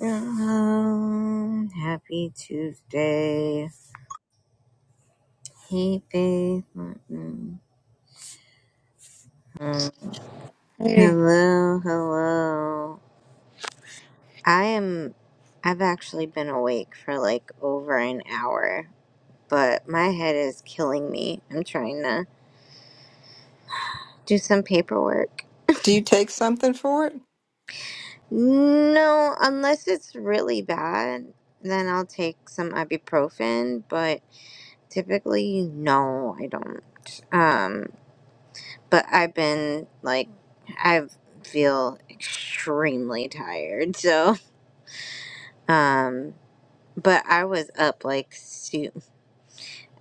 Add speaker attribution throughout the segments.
Speaker 1: Um, happy Tuesday. Hey, babe. Mm, mm.
Speaker 2: Hey,
Speaker 1: Hello, hello. I am, I've actually been awake for like over an hour, but my head is killing me. I'm trying to do some paperwork.
Speaker 2: do you take something for it?
Speaker 1: No, unless it's really bad, then I'll take some ibuprofen, but typically, no, I don't. Um. but I've been like I feel extremely tired. So, um, but I was up like su-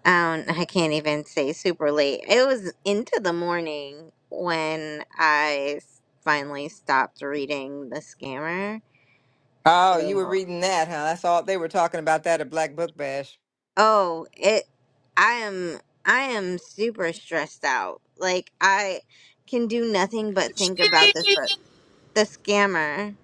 Speaker 1: I don't I can't even say super late. It was into the morning when I s- finally stopped reading The Scammer.
Speaker 2: Oh, you were
Speaker 1: So,
Speaker 2: reading that, huh? That's all they were talking about that at Black Book Bash.
Speaker 1: oh, it I am I am super stressed out. Like I can do nothing but think about this book. The Scammer.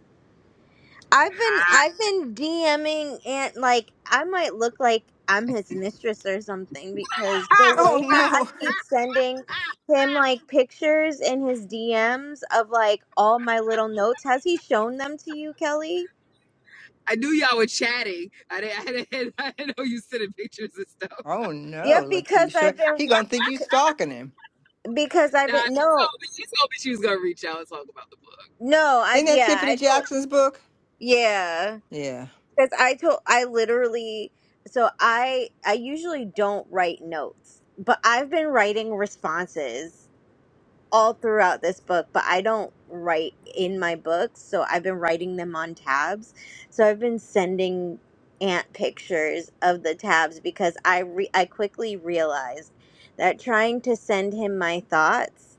Speaker 1: I've been I've been DMing and like I might look like I'm his mistress or something because the
Speaker 2: Oh
Speaker 1: way that I
Speaker 2: no.
Speaker 1: keep sending him like pictures in his DMs of like all my little notes. Has he shown them to you, Kelly?
Speaker 3: I knew y'all were chatting. I didn't, I didn't, I didn't know you sending pictures and stuff.
Speaker 2: Oh
Speaker 1: Yeah,
Speaker 2: no,
Speaker 1: because
Speaker 2: Letitia.
Speaker 1: I've been
Speaker 2: He gonna think you stalking him.
Speaker 1: because I've
Speaker 3: Nah, she
Speaker 1: been no
Speaker 3: told me she told me she was gonna reach out and talk about the book.
Speaker 1: no I
Speaker 2: Isn't that
Speaker 1: yeah
Speaker 2: Tiffany
Speaker 1: I told
Speaker 2: Jackson's book?
Speaker 1: yeah
Speaker 2: Yeah.
Speaker 1: because I told I literally so I I usually don't write notes but I've been writing responses all throughout this book, but I don't write in my books, so I've been writing them on tabs. So I've been sending Aunt pictures of the tabs because I re- I quickly realized that trying to send him my thoughts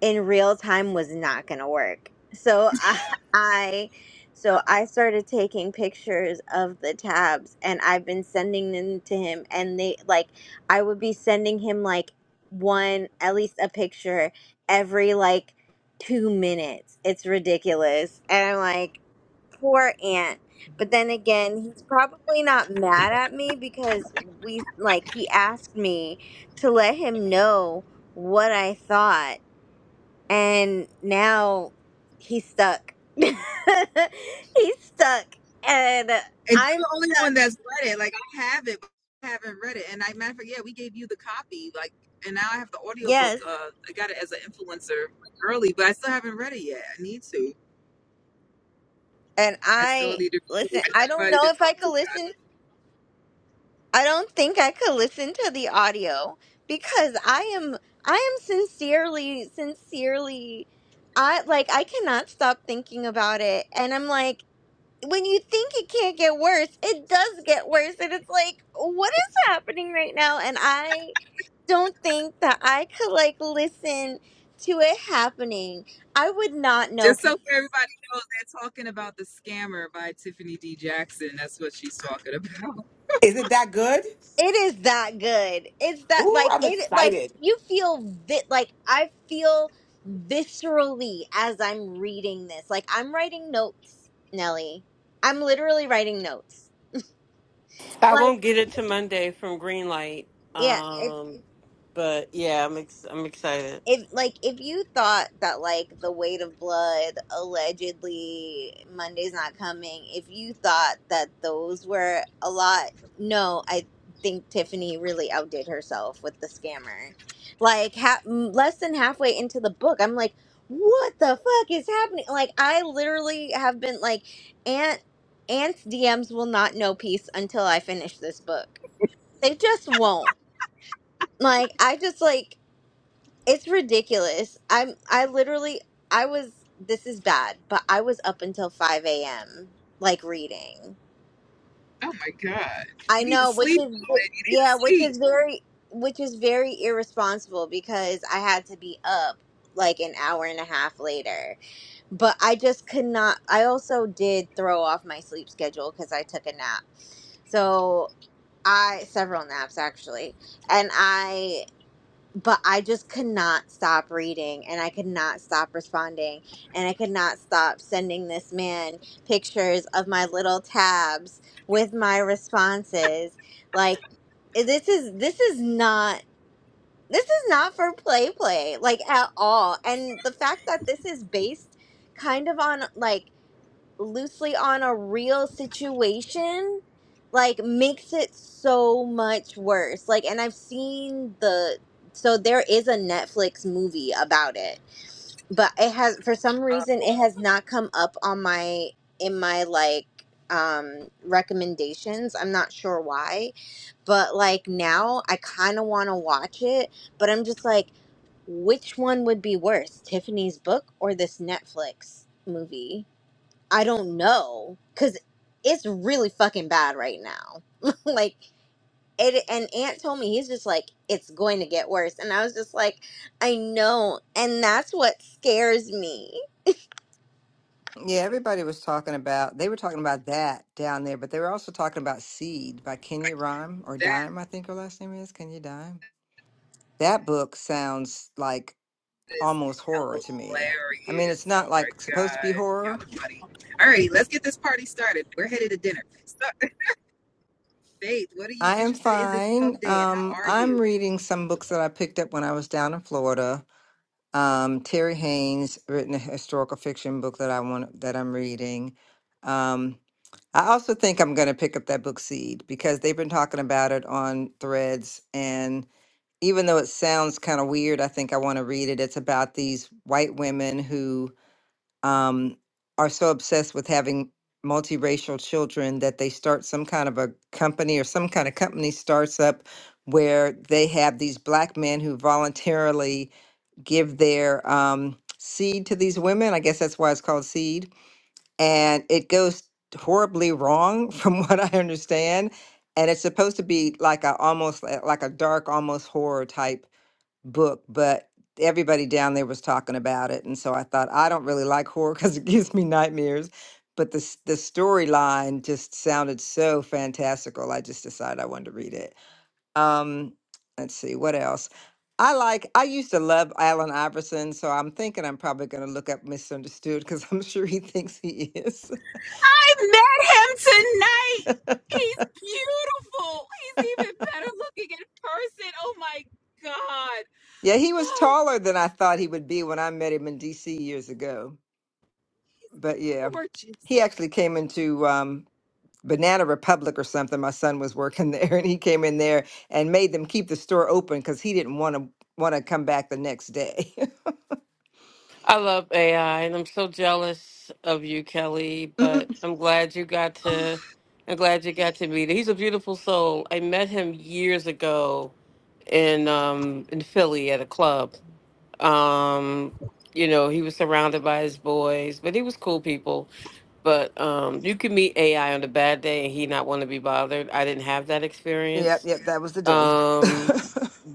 Speaker 1: in real time was not going to work. So I, I so I started taking pictures of the tabs and I've been sending them to him and they like I would be sending him like one at least a picture every like 2 minutes. It's ridiculous. And I'm like poor aunt. But then again, he's probably not mad at me because we like he asked me to let him know what I thought and now he's stuck. he's stuck, and
Speaker 3: And you're
Speaker 1: I'm
Speaker 3: the only
Speaker 1: stuck.
Speaker 3: one that's read it. Like I have it, but I haven't read it. And I matter of fact, yeah, we gave you the copy. Like, and now I have the audiobook.
Speaker 1: Yes,
Speaker 3: Uh, I got it as an influencer like, early, but I still haven't read it yet. I need to.
Speaker 1: and
Speaker 3: I still
Speaker 1: I
Speaker 3: need to. So
Speaker 1: listen.
Speaker 3: you
Speaker 1: I
Speaker 3: have
Speaker 1: don't
Speaker 3: anybody
Speaker 1: know
Speaker 3: to
Speaker 1: if I
Speaker 3: talk
Speaker 1: could
Speaker 3: to.
Speaker 1: listen. I don't think I could listen to the audio because I am. I am sincerely, sincerely. I like. I cannot stop thinking about it, and I'm like. When you think it can't get worse, it does get worse, and it's like, what is happening right now? And I don't think that I could like listen to it happening. I would not know
Speaker 3: Just so
Speaker 1: people.
Speaker 3: everybody knows, they're talking about the scammer by Tiffany D. Jackson. That's what she's talking about.
Speaker 4: Is it that good?
Speaker 1: It is that good. It's that
Speaker 4: Ooh,
Speaker 1: like
Speaker 4: I'm
Speaker 1: it like
Speaker 4: excited.
Speaker 1: you feel vi- like I feel viscerally as I'm reading this. Like I'm writing notes, Nelly. I'm literally writing notes.
Speaker 5: I
Speaker 1: Like
Speaker 5: won't get it to Monday from Greenlight.
Speaker 1: yeah,
Speaker 5: Um, but yeah, I'm ex- I'm excited.
Speaker 1: if like if you thought that like the weight of blood allegedly monday's not coming if you thought that those were a lot no i think tiffany really outdid herself with the scammer like ha- m- less than halfway into the book i'm like what the fuck is happening like i literally have been like aunt aunt's dms will not know peace until i finish this book they just won't like i just like it's ridiculous. I'm I literally I was this is bad, but I was up until 5 a.m. like reading.
Speaker 3: Oh my God!
Speaker 1: I
Speaker 3: You need to
Speaker 1: know, which
Speaker 3: sleep,
Speaker 1: is
Speaker 3: woman. You need to
Speaker 1: yeah, which
Speaker 3: sleep.
Speaker 1: is very which is very irresponsible because I had to be up like an hour and a half later. But I just could not I also did throw off my sleep schedule cuz I took a nap. So I several naps actually. And I but I just could not stop reading and I could not stop responding and I could not stop sending this man pictures of my little tabs with my responses. Like eh, this is this is not this is not for play play like at all. And the fact that this is based kind of on like loosely on a real situation like makes it so much worse like and i've seen the so there is a netflix movie about it but it has for some
Speaker 3: Um,
Speaker 1: reason it has not come up on my in my like um recommendations i'm not sure why but like now i kind of want to watch it but i'm just like which one would be worse tiffany's book or this netflix movie I don't know because it's really fucking bad right now. like, it, and Aunt told me he's just like it's going to get worse, and I was just like, I know, and that's what scares me.
Speaker 2: Yeah, everybody was talking about they were talking about that down there, but they were also talking about Seed by Kenya Rhyme or
Speaker 3: that
Speaker 2: Dime, I think her last name is. Kenya Dime. That book sounds like
Speaker 3: is
Speaker 2: almost horror to me. I mean, it's
Speaker 3: hilarious. Oh
Speaker 2: not
Speaker 3: my
Speaker 2: like supposed to be
Speaker 3: God,
Speaker 2: horror,
Speaker 3: y'all are funny. All right, let's get this party started. We're headed to dinner. Start, Faith, what are you
Speaker 2: I am
Speaker 3: interested in this
Speaker 2: fine.
Speaker 3: pub day, and how
Speaker 2: Um,
Speaker 3: are you?
Speaker 2: I'm reading some books that I picked up when I was down in Florida. Um, Terry Haynes written a historical fiction book that I want that I'm reading. Um, I also think I'm going to pick up that book Seed because they've been talking about it on Threads, and even though it sounds kind of weird, I think I want to read it. It's about these white women who um, are so obsessed with having multiracial children that they start some kind of a company or some kind of company starts up where they have these black men who voluntarily give their um, seed to these women. I guess that's why it's called seed. And it goes horribly wrong from what I understand. And it's supposed to be like a almost like like a dark, almost horror type book, but everybody down there was talking about it, and so I thought I don't really like horror because it gives me nightmares. But the s- the storyline just sounded so fantastical. I just decided I wanted to read it. Um, let's see what else. I like. I used to love Alan Iverson, so I'm thinking I'm probably going to look up Misunderstood because I'm sure he thinks he is.
Speaker 3: I met him tonight. He's beautiful. He's even better looking in person. Oh my god.
Speaker 2: yeah, he was taller than I thought he would be when I met him in D.C. years ago. But yeah,
Speaker 3: Gorgeous.
Speaker 2: he actually came into um, Banana Republic or something. My son was working there, and he came in there and made them keep the store open because he didn't want to want to come back the next day.
Speaker 5: I love AI, and I'm so jealous of you, Kelly. But
Speaker 2: Mm-mm.
Speaker 5: I'm glad you got
Speaker 3: Oh,
Speaker 5: to. I'm glad you got to meet him. He's a beautiful soul. I met him years ago in um in Philly at a club. Um, you know, he was surrounded by his boys, but he was cool people. But um, you can meet AI on a bad day, and he not want to be bothered. I didn't have that experience
Speaker 2: Yep, yep, that was the day.
Speaker 5: Um,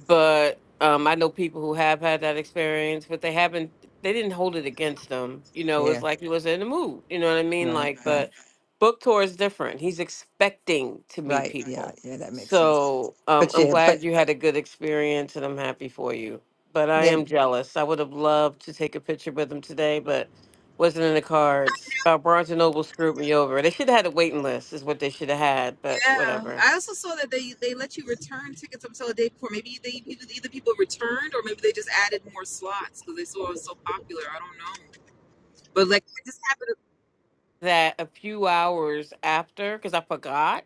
Speaker 5: but um, I know people who have had that experience, but they haven't. They didn't hold it against them. You know, it was
Speaker 2: yeah,
Speaker 5: like he was in the mood. You know what I mean?
Speaker 2: right,
Speaker 5: Like,
Speaker 2: right,
Speaker 5: but book tour is different. He's expecting to meet
Speaker 2: right. Yeah,
Speaker 5: people.
Speaker 2: yeah, that makes sense.
Speaker 5: So um,
Speaker 2: But
Speaker 5: I'm
Speaker 2: yeah, but
Speaker 5: glad you had a good experience, and I'm happy for you. But I
Speaker 2: yeah,
Speaker 5: am jealous. I would have loved to take a picture with him today, but wasn't in the cards. Uh, Barnes and Noble screwed me over. They should have had a waiting list, is what they should have had. But
Speaker 3: yeah.
Speaker 5: whatever.
Speaker 3: I also saw that they they let you return tickets up until the day before. Maybe they either either people returned or maybe they just added more slots because they saw it was so popular. I don't know. But like I just happened
Speaker 5: that a few hours after, because I forgot,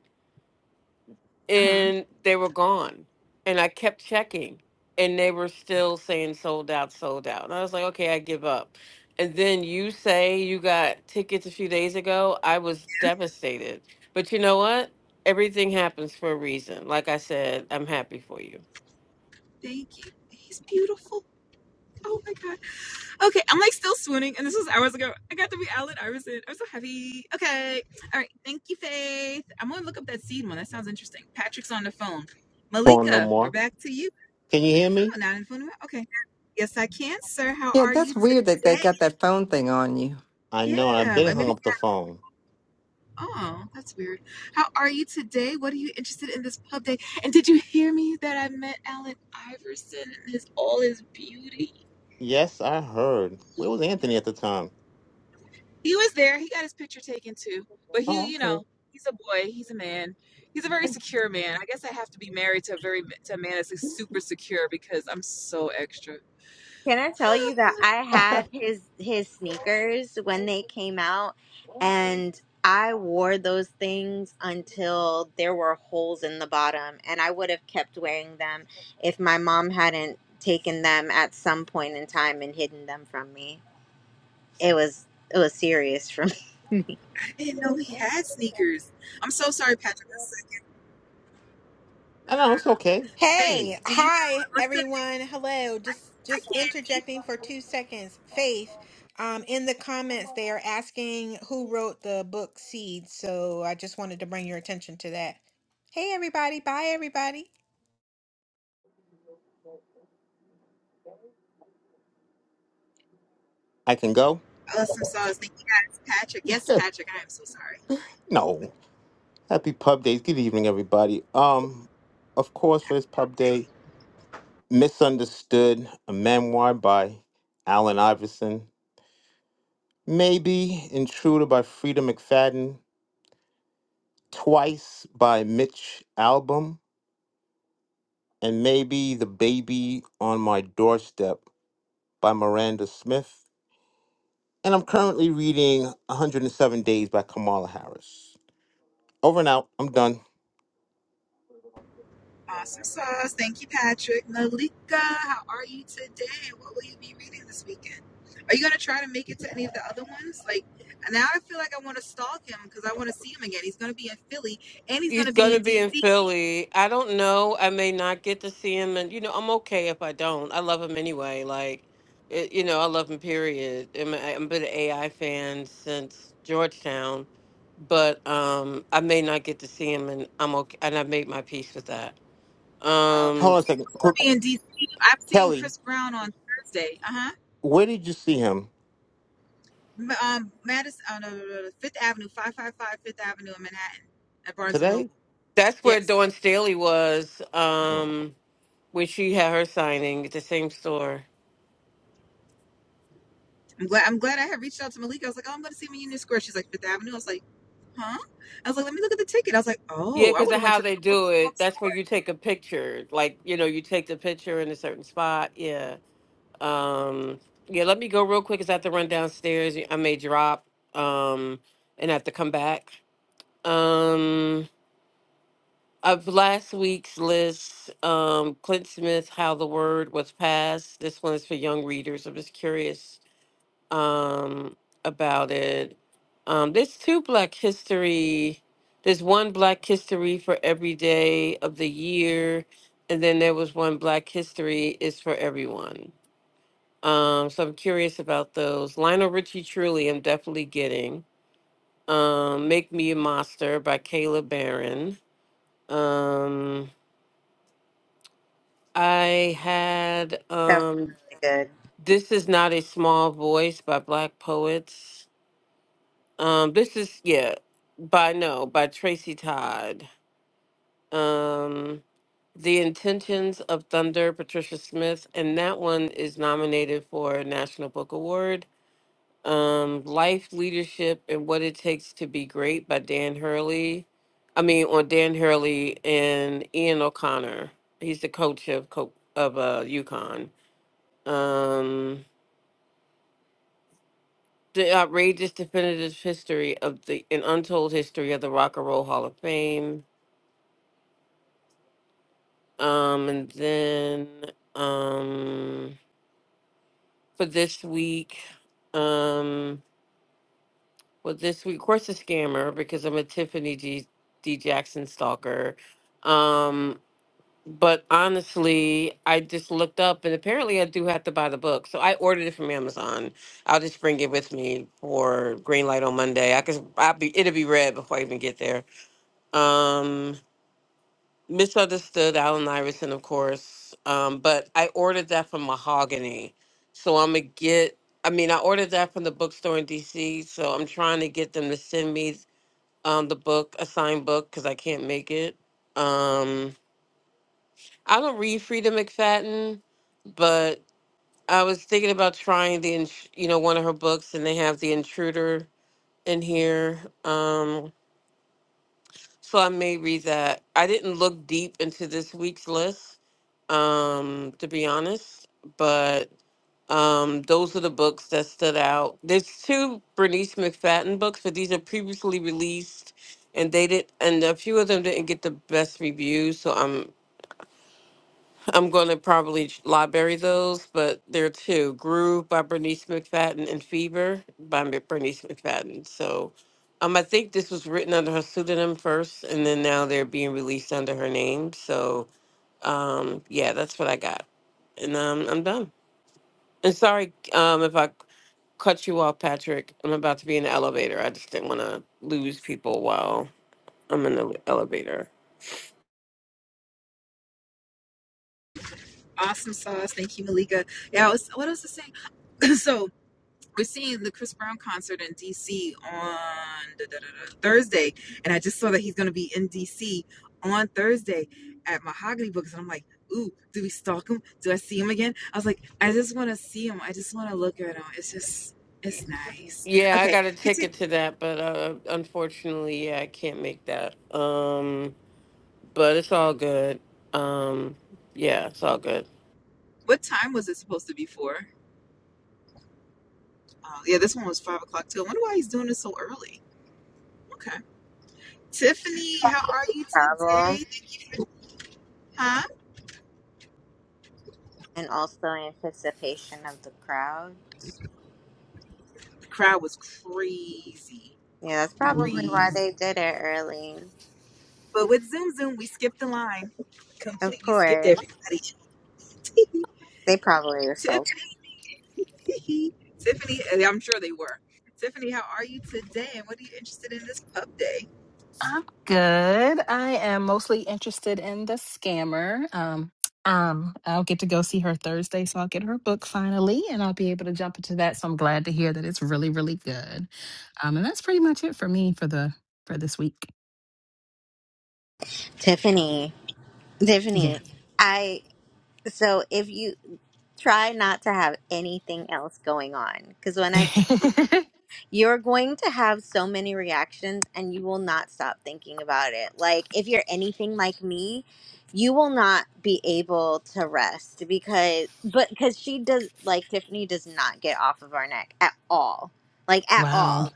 Speaker 3: to. Uh huh.
Speaker 5: and they were gone. And I kept checking, and they were still saying sold out, sold out. And I was like, okay, I give up. And then you say you got tickets a few days ago. I was devastated. But you know what? Everything happens for a reason. Like I said, I'm happy for you.
Speaker 3: Thank you. He's beautiful. Oh my god. Okay, I'm like still swooning, and this was hours ago. I got to be Allen Iverson. I'm so happy. Okay. All right. Thank you, Faith. I'm gonna look up that seed one. That sounds interesting. Patrick's on the phone.
Speaker 6: phone no
Speaker 3: Malika, we're
Speaker 6: more.
Speaker 3: back to you.
Speaker 6: Can you hear me?
Speaker 3: Oh, not in phone number. Okay. Yes, I can, sir. How
Speaker 2: yeah,
Speaker 3: are
Speaker 2: that's
Speaker 3: you
Speaker 2: weird that they
Speaker 3: today?
Speaker 2: got that phone thing on you.
Speaker 6: I know, and I've
Speaker 3: Yeah,
Speaker 6: been
Speaker 3: but
Speaker 6: hung
Speaker 3: maybe.
Speaker 6: up the phone.
Speaker 3: Oh, that's weird. How are you today? What are you interested in this pub day? And did you hear me that I met Alan Iverson and his all his beauty?
Speaker 6: Yes, I heard. Where was Anthony at the time?
Speaker 3: He was there. He got his picture taken too. But he,
Speaker 6: Oh,
Speaker 3: you
Speaker 6: okay.
Speaker 3: know, he's a boy. He's a man. He's a very secure man. I guess I have to be married to a very to a man that's like super secure because I'm so extra.
Speaker 1: Can I tell you that I
Speaker 6: I
Speaker 1: had his his sneakers when they came out, and I wore those things until there were holes in the bottom, and I would have kept wearing them if my mom hadn't taken them at some point in time and hidden them from me. It was it was serious for me.
Speaker 3: I didn't know he had sneakers. I'm so sorry, Patrick. I said,
Speaker 6: know, it's okay. Hey,
Speaker 7: Hey,
Speaker 3: Faith, do you
Speaker 7: hi
Speaker 3: know Alyssa?
Speaker 7: everyone. Hello. Just
Speaker 3: I
Speaker 7: just
Speaker 3: can't be.
Speaker 7: interjecting for 2 seconds. Faith, um in the comments they are asking who wrote the book Seeds, so I just wanted to bring your attention to that. Hey everybody. Bye everybody.
Speaker 6: I can go?
Speaker 3: Alyssa saw Thank you, guys. Patrick. Yes, Patrick. I am so sorry.
Speaker 6: no. Happy Pub Days. Good evening, everybody. Um, of course, for this Pub
Speaker 3: Dang.
Speaker 6: Day, Misunderstood, a memoir by Alan Iverson. Maybe Intruder by Frida McFadden. Twice by Mitch Album. And maybe The Baby on My Doorstep by Miranda Smith. And I'm currently reading 107 Days by Kamala Harris. Over and out. I'm done.
Speaker 3: Awesome sauce. Thank you, Patrick. Malika, how are you today? What will you be reading this weekend? Are you going to try to make it to any of the other ones? Like, now I feel like I want to stalk him because I want to see him again. He's going to be in Philly and he's going
Speaker 5: He's
Speaker 3: to be
Speaker 5: gonna
Speaker 3: in
Speaker 5: be in
Speaker 3: D.C.
Speaker 5: Philly. I don't know. I may not get to see him, and you know, I'm okay if I don't. I love him anyway. Like, it, you know, I love him. Period. I'm, I'm been an AI fan since Georgetown, but um, I may not get to see him, and I'm okay. And I made my peace with that.
Speaker 3: Oh,
Speaker 6: Hold
Speaker 5: Um,
Speaker 6: on a second.
Speaker 3: he's going
Speaker 6: Quick.
Speaker 3: to be in D.C. I've seen
Speaker 6: Kelly,
Speaker 3: Chris Brown on Thursday. Uh huh.
Speaker 6: where did you see him?
Speaker 3: M- Um, Madison, oh, no, no, no, no, Fifth Avenue, 555 Fifth Avenue in Manhattan at Barnes and Noble.
Speaker 6: Today?
Speaker 5: that's where
Speaker 3: Yes.
Speaker 5: Dawn Staley was
Speaker 6: Oh,
Speaker 5: um, when she had her signing at the same store.
Speaker 3: I'm glad I'm glad I had reached out to Malika. I was like, oh, I'm going to see him in Union Square. She's like, Fifth Avenue. I was like, huh? I was like, let me look at the ticket. I was like,
Speaker 5: Yeah,
Speaker 3: oh, I
Speaker 5: because
Speaker 3: would
Speaker 5: of
Speaker 3: have went
Speaker 5: how
Speaker 3: to
Speaker 5: they do it, that's where you take a picture. Like, you know, you take the picture in a certain spot. Yeah. Um, yeah, let me go real quick because I have to run downstairs. I may drop um, and have to come back. Um, of last week's list, um, Clint Smith, How the Word Was Passed. This one is for young readers. I'm just curious um, about it. Um, there's two Black History. There's one Black History for every day of the year, and then there was one Black History is for everyone. Um, so I'm curious about those. Lionel Richie Truly, I'm definitely getting. Um, Make Me a Monster by Kayla Barron. Um, I had
Speaker 1: that was
Speaker 5: um,
Speaker 1: really good
Speaker 5: This Is Not a Small Voice by Black Poets. Um, this is yeah, by no, by Tracy Todd. Um, the Intentions of Thunder, Patricia Smith, and that one is nominated for a National Book Award. Um, Life, Leadership, and What It Takes to Be Great by Dan Hurley. I mean, on Dan Hurley and Ian O'Connor. He's the coach of co- of uh, UConn. Um, the outrageous definitive history of the an untold history of the Rock and Roll Hall of Fame Um, and then um, for this week, um, well, this week, of course, a scammer because I'm a Tiffany G. D. Jackson stalker. Um, but honestly, I just looked up and apparently I do have to buy the book. So I ordered it from Amazon. I'll just bring it with me for green light on Monday. I could, I'll be, it'll be read before I even get there. Um, Misunderstood Allen Iverson, of course. Um, but I ordered that from Mahogany. So I'm going to get, I mean, I ordered that from the bookstore in DC. So I'm trying to get them to send me um, the book, a signed book, because I can't make it. Um, I don't read Frida McFadden, but I was thinking about trying the, int- you know, one of her books, and they have The Intruder in here. Um, So I may read that. I didn't look deep into this week's list, um, to be honest, but um, those are the books that stood out. There's two Bernice McFadden books, but these are previously released, and they did, and a few of them didn't get the best reviews. So I'm. I'm going to probably library those, but there are two Groove by Bernice McFadden and Fever by Mi- Bernice McFadden. So um, I think this was written under her pseudonym first, and then now they're being released under her name. So um, yeah, that's what I got. And um, I'm done. And sorry um, if I cut you off, Patrick. I'm about to be in the elevator. I just didn't want to lose people while I'm in the elevator.
Speaker 3: awesome sauce. Thank you, Malika. Yeah, I was, what else to say? so we're seeing the Chris Brown concert in DC on da, da, da, da, Thursday, and I just saw that he's going to be in DC on Thursday at Mahogany Books, and I'm like. Ooh, do we stalk him? Do I see him again? I was like, I just want to see him. I just want to look at him. It's just, it's nice.
Speaker 5: Yeah, I
Speaker 3: Okay,
Speaker 5: got a
Speaker 3: continue.
Speaker 5: ticket to that, but uh, unfortunately, yeah, I can't make that. Um, but it's all good. Um, yeah, it's all good.
Speaker 3: What time was it supposed to be for? Oh, yeah, this one was five o'clock too. I wonder why he's doing this so early. Okay. Tiffany, how are you
Speaker 1: travel
Speaker 3: today? Huh?
Speaker 1: and also anticipation of the crowd.
Speaker 3: The crowd was crazy.
Speaker 1: Yeah, that's probably why
Speaker 3: Crazy.
Speaker 1: they did it early.
Speaker 3: But with Zoom Zoom, we skipped the line.
Speaker 1: Of
Speaker 3: Completely skipped
Speaker 1: course,
Speaker 3: everybody.
Speaker 1: they probably were sold.
Speaker 3: Tiffany. Tiffany, and I'm sure they were. Tiffany, how are you today? And what are you interested in this pub day?
Speaker 8: I'm good. I am mostly interested in the scammer. Um, um, I'll get to go see her Thursday, so I'll get her book finally, and I'll be able to jump into that. So I'm glad to hear that it's really, really good. Um, and that's pretty much it for me for the for this week.
Speaker 1: Tiffany,
Speaker 8: Yeah.
Speaker 1: Tiffany, I so if you try not to have anything else going on, because when I tell You're going to have so many reactions and you will not stop thinking about it. Like, if you're anything like me, you will not be able to rest because, but because she does, like, Tiffany does not get off of our neck at all. Like, at
Speaker 8: wow.
Speaker 1: all.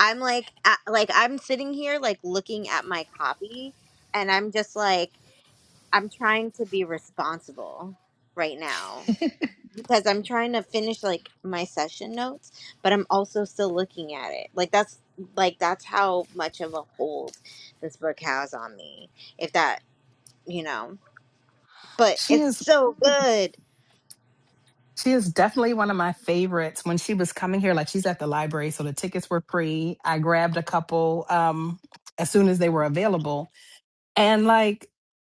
Speaker 1: I'm like, at, like, I'm sitting here, like, looking at my copy and I'm just like, I'm trying to be responsible right now because I'm trying to finish like my session notes, but I'm also still looking at it. Like that's like that's how much of a hold this book has on me. If that, you know, but
Speaker 8: She
Speaker 1: it's
Speaker 8: is
Speaker 1: so good.
Speaker 8: she is definitely one of my favorites. When she was coming here, like she's at the library, so the tickets were free. I grabbed a couple um as soon as they were available And like,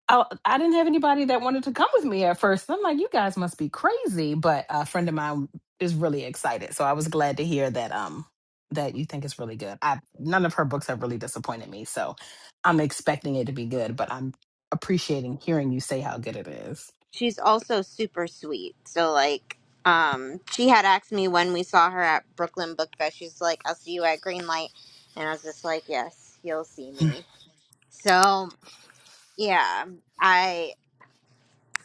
Speaker 8: I, I didn't have anybody that wanted to come with me at first. I'm like, you guys must be crazy. But a friend of mine is really excited, so I was glad to hear that. Um, that you think it's really good. I none of her books have really disappointed me, so I'm expecting it to be good. But I'm appreciating hearing you say how good it is.
Speaker 1: She's also super sweet. So like um she had asked me when we saw her at Brooklyn Book Fest. She's like, "I'll see you at Greenlight," And I was just like, "Yes, you'll see me." So, yeah, I.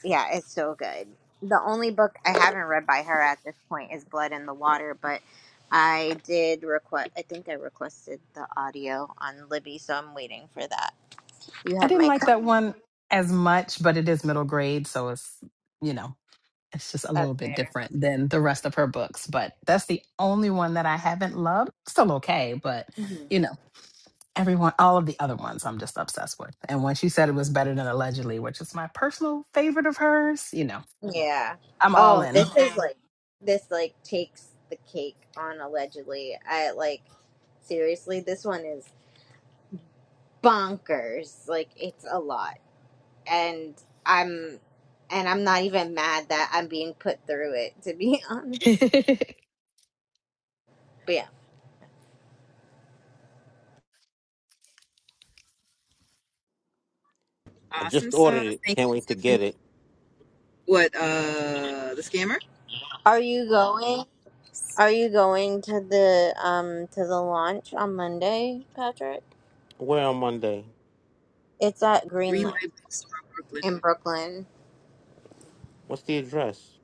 Speaker 1: Yeah, it's so good. The only book I haven't read by her at this point is Blood in the Water, but I did request, I think I requested the audio on Libby, so I'm waiting for that. You
Speaker 8: I
Speaker 1: have
Speaker 8: didn't
Speaker 1: my
Speaker 8: like
Speaker 1: con-
Speaker 8: that one as much, but it is middle grade, so it's you know. it's just a
Speaker 1: That's
Speaker 8: little bit
Speaker 1: fair.
Speaker 8: different than the rest of her books, but that's the only one that I haven't loved. Still okay, but
Speaker 1: hmm
Speaker 8: you know, everyone, all of the other ones I'm just obsessed with. And when she said it was better than Allegedly, which is my personal favorite of hers, you know,
Speaker 1: Yeah.
Speaker 8: I'm all
Speaker 1: Oh,
Speaker 8: in.
Speaker 1: this is like, this like takes the cake on allegedly. I like, seriously, this one is bonkers. Like, it's a lot. And I'm, and I'm not even mad that I'm being put through it, to be honest. But yeah.
Speaker 6: I
Speaker 3: Awesome
Speaker 6: just ordered
Speaker 3: sauce.
Speaker 6: it.
Speaker 3: Thank
Speaker 6: Can't
Speaker 3: you,
Speaker 6: wait to
Speaker 3: Tiffany.
Speaker 6: get it.
Speaker 3: What, uh, the scammer?
Speaker 1: Are you going? Are you going to the um to the launch on Monday, Patrick?
Speaker 6: Where on Monday?
Speaker 1: It's at
Speaker 3: Green
Speaker 1: Greenlight
Speaker 3: Light Bookstore, Brooklyn.
Speaker 1: in Brooklyn.
Speaker 6: What's the address?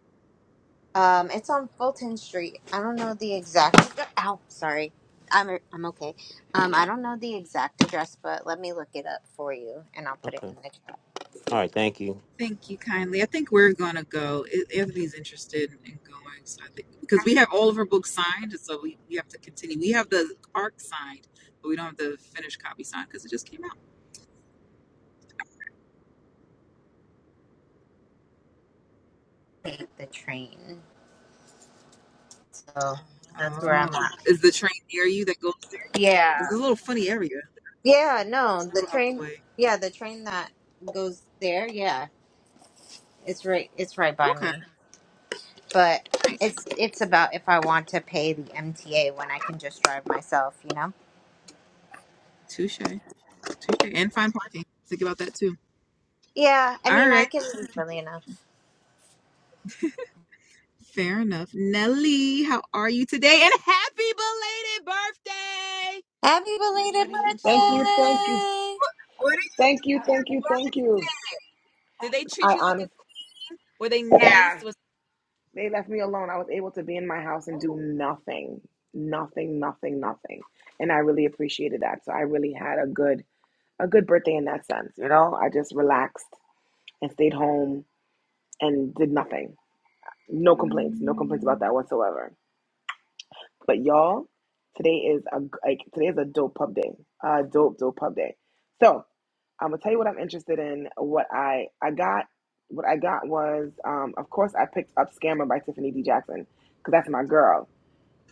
Speaker 1: Um, it's on Fulton Street. I don't know the exact. Ow, sorry. I'm I'm okay. Um, I don't know the exact address, but let me look it up for you, and I'll put it
Speaker 6: Okay.
Speaker 1: in the chat.
Speaker 6: All right. Thank you.
Speaker 3: Thank you kindly. I think we're going to go. I- Anthony's interested in going, so I think because we have all of our books signed, so we, we have to continue. We have the arc signed, but we don't have the finished copy signed because it just came out.
Speaker 1: Take the train. So that's where I'm
Speaker 3: Oh,
Speaker 1: at.
Speaker 3: is the train near you that goes there? This
Speaker 1: Yeah.
Speaker 3: is a little funny area.
Speaker 1: Yeah.
Speaker 3: It's
Speaker 1: No,
Speaker 3: a
Speaker 1: the
Speaker 3: little out the
Speaker 1: train.
Speaker 3: way.
Speaker 1: Yeah, the train that goes there. Yeah, it's right. It's right by
Speaker 3: Okay,
Speaker 1: me. but
Speaker 3: nice.
Speaker 1: it, it's about if I want to pay the MTA when I can just drive myself, you know?
Speaker 3: Touche, touche, and fine parking. Think about that too.
Speaker 1: Yeah, I
Speaker 3: All
Speaker 1: mean, I
Speaker 3: right,
Speaker 1: can really enough.
Speaker 3: fair enough. Nelly, how are you today? And happy belated birthday!
Speaker 1: Happy belated
Speaker 3: What are you interested
Speaker 4: Thank
Speaker 3: in?
Speaker 4: you, thank you,
Speaker 1: birthday!
Speaker 3: What are you?
Speaker 4: thank you, thank you, thank you.
Speaker 3: Did they treat
Speaker 4: I
Speaker 3: you like a?
Speaker 4: honestly,
Speaker 3: queen? Were they nice?
Speaker 4: yeah,
Speaker 3: Was
Speaker 4: they left me alone. I was able to be in my house and do nothing, nothing, nothing, nothing, and I really appreciated that. So I really had a good, a good birthday in that sense. You know, I just relaxed and stayed home and did nothing. No complaints, no complaints about that whatsoever. But y'all, today is a like today is a dope pub day. A dope dope pub day. So I'm gonna tell you what I'm interested in. What I I got what I got was um, of course I picked up Scammer by Tiffany D Jackson because that's my girl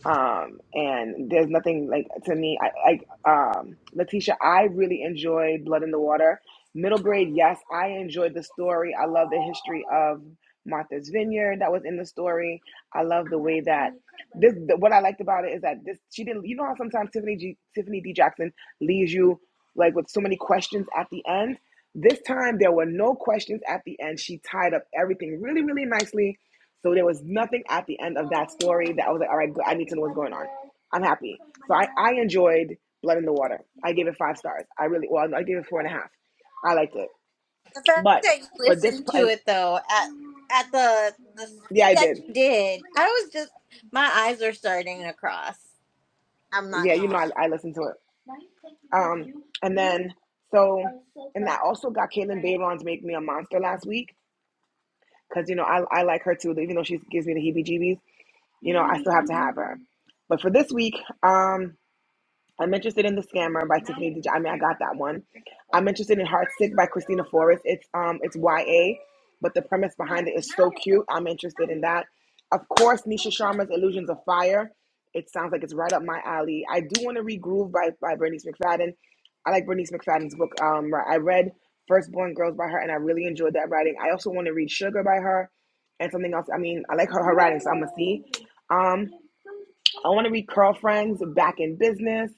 Speaker 4: um and there's nothing like to me i like um letitia i really enjoyed blood in the water middle grade yes i enjoyed the story i love the history of martha's vineyard that was in the story i love the way that this the, what i liked about it is that this she didn't you know how sometimes tiffany G, tiffany d jackson leaves you like with so many questions at the end this time there were no questions at the end she tied up everything really really nicely so there was nothing at the end of that story that I was like, all right, I need to know what's going on. I'm happy. So I, I enjoyed Blood in the Water. I gave it five stars. I really, well, I gave it four and a half. I liked it.
Speaker 1: The fact
Speaker 4: But
Speaker 1: that you
Speaker 4: for this,
Speaker 1: listened to
Speaker 4: and
Speaker 1: it though at at the the speed
Speaker 4: yeah, I
Speaker 1: that
Speaker 4: did.
Speaker 1: you did, I was just my eyes are starting to cross. I'm not
Speaker 4: Yeah, you know, I, I
Speaker 1: gonna
Speaker 4: listened to it. And then, so I also got Caitlin Javon's Make Me a Monster last week because, you know, I, I like her too, even though she gives me the heebie jeebies. You know, I have her. But for this week, um, I'm interested in The Scammer by Tiffany D. J. I mean, I got that one. I'm interested in Heartsick by Christina Forrest. It's um, it's YA, but the premise behind it is so cute. I'm interested in that. Of course, Nisha Sharma's Illusions of Fire. It sounds like it's right up my alley. I do want to read Groove by by Bernice McFadden. I like Bernice McFadden's book. Um, right, I read Firstborn Girls by her, and I really enjoyed that writing. I also want to read Sugar by her, and something else. I mean, I like her her writing, so I'm gonna see. Um, I want to read Curl Back in Business.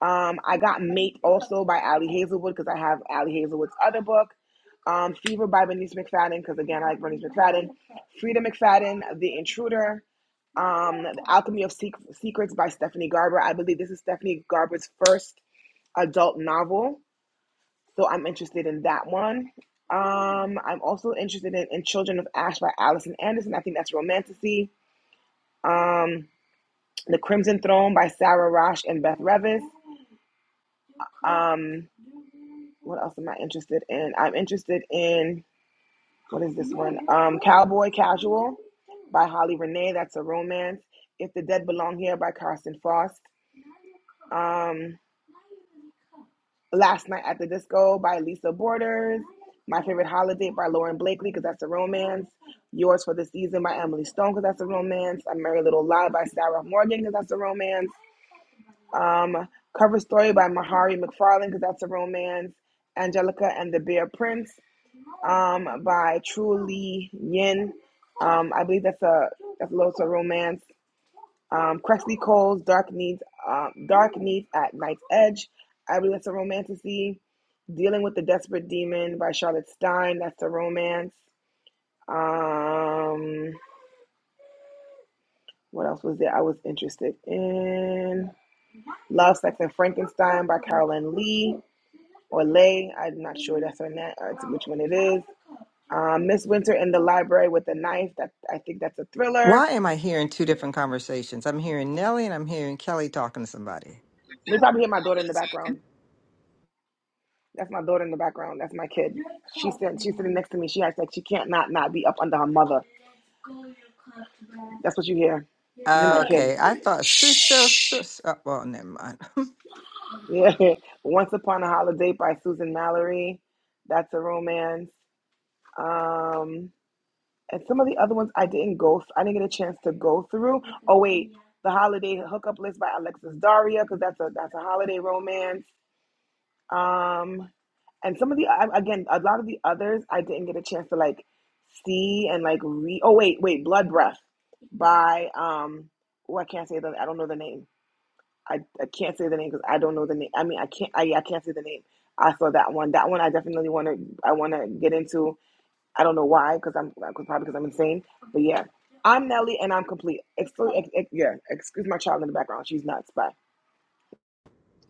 Speaker 4: Um, I got Mate also by Allie Hazelwood because I have Allie Hazelwood's other book. Um, Fever by Bernice McFadden because again I like Bernice McFadden. Frida McFadden, The Intruder. Um, the Alchemy of Sec- Secrets by Stephanie Garber. I believe this is Stephanie Garber's first adult novel, so I'm interested in that one. Um, I'm also interested in, in Children of Ash by Allison Anderson. I think that's romanticy. Um, the Crimson Throne by Sarah Rosh and Beth Revis. Um, What else am I interested in? I'm interested in what is this one? Um, Cowboy Casual by Holly Renee. That's a romance. If the Dead Belong Here by Carson Frost. Um, Last Night at the Disco by Lisa Borders. My Favorite Holiday by Lauren Blakely because that's a romance. Yours for the Season by Emily Stone because that's a romance. A Merry Little Lie by Sarah Morgan because that's a romance. Um, Cover Story by Mahari McFarlane because that's a romance. Angelica and the Bear Prince um, by True Lee Yin. Um, I believe that's a that's a little of romance. Um, Cressley Cole's Dark Needs um, Dark Needs at Night's Edge. I believe that's a romanticy. Dealing with the Desperate Demon by Charlotte Stein. That's a romance. Um, what else was there I was interested in? Love, Sex, and Frankenstein by Carolyn Lee or Lay. I'm not sure that's her net, or which one it is. Um, Miss Winter in the Library with a Knife. That I think that's a thriller.
Speaker 2: Why am I hearing two different conversations? I'm hearing Nellie and I'm hearing Kelly talking to somebody.
Speaker 4: We probably hear my daughter in the
Speaker 3: okay.
Speaker 4: background. That's my daughter in the background. That's my kid sitting next to me. She acts like she can't not not be up under her mother. That's what you hear.
Speaker 2: Okay, I thought sure, sure, sure. s- uh, well, never mind.
Speaker 4: Yeah. Once Upon a Holiday by Susan Mallory. That's a romance. Um, and some of the other ones I didn't go. I didn't get a chance to go through. The Holiday Hookup List by Alexis Daria because that's a that's a holiday romance. Um, and some of the I- again, a lot of the others I didn't get a chance to like see and like read. Oh wait, wait, Blood Breath by um. Oh, I can't say the. I don't know the name. I, I can't say the name because I don't know the name. I mean, I can't. I, I can't say the name. I saw that one. That one I definitely want to. I want to get into. I don't know why because I'm cause probably because I'm insane. But yeah, I'm Nelly and I'm complete. Exclu- ex- ex- yeah, excuse my child in the background. She's nuts. Bye.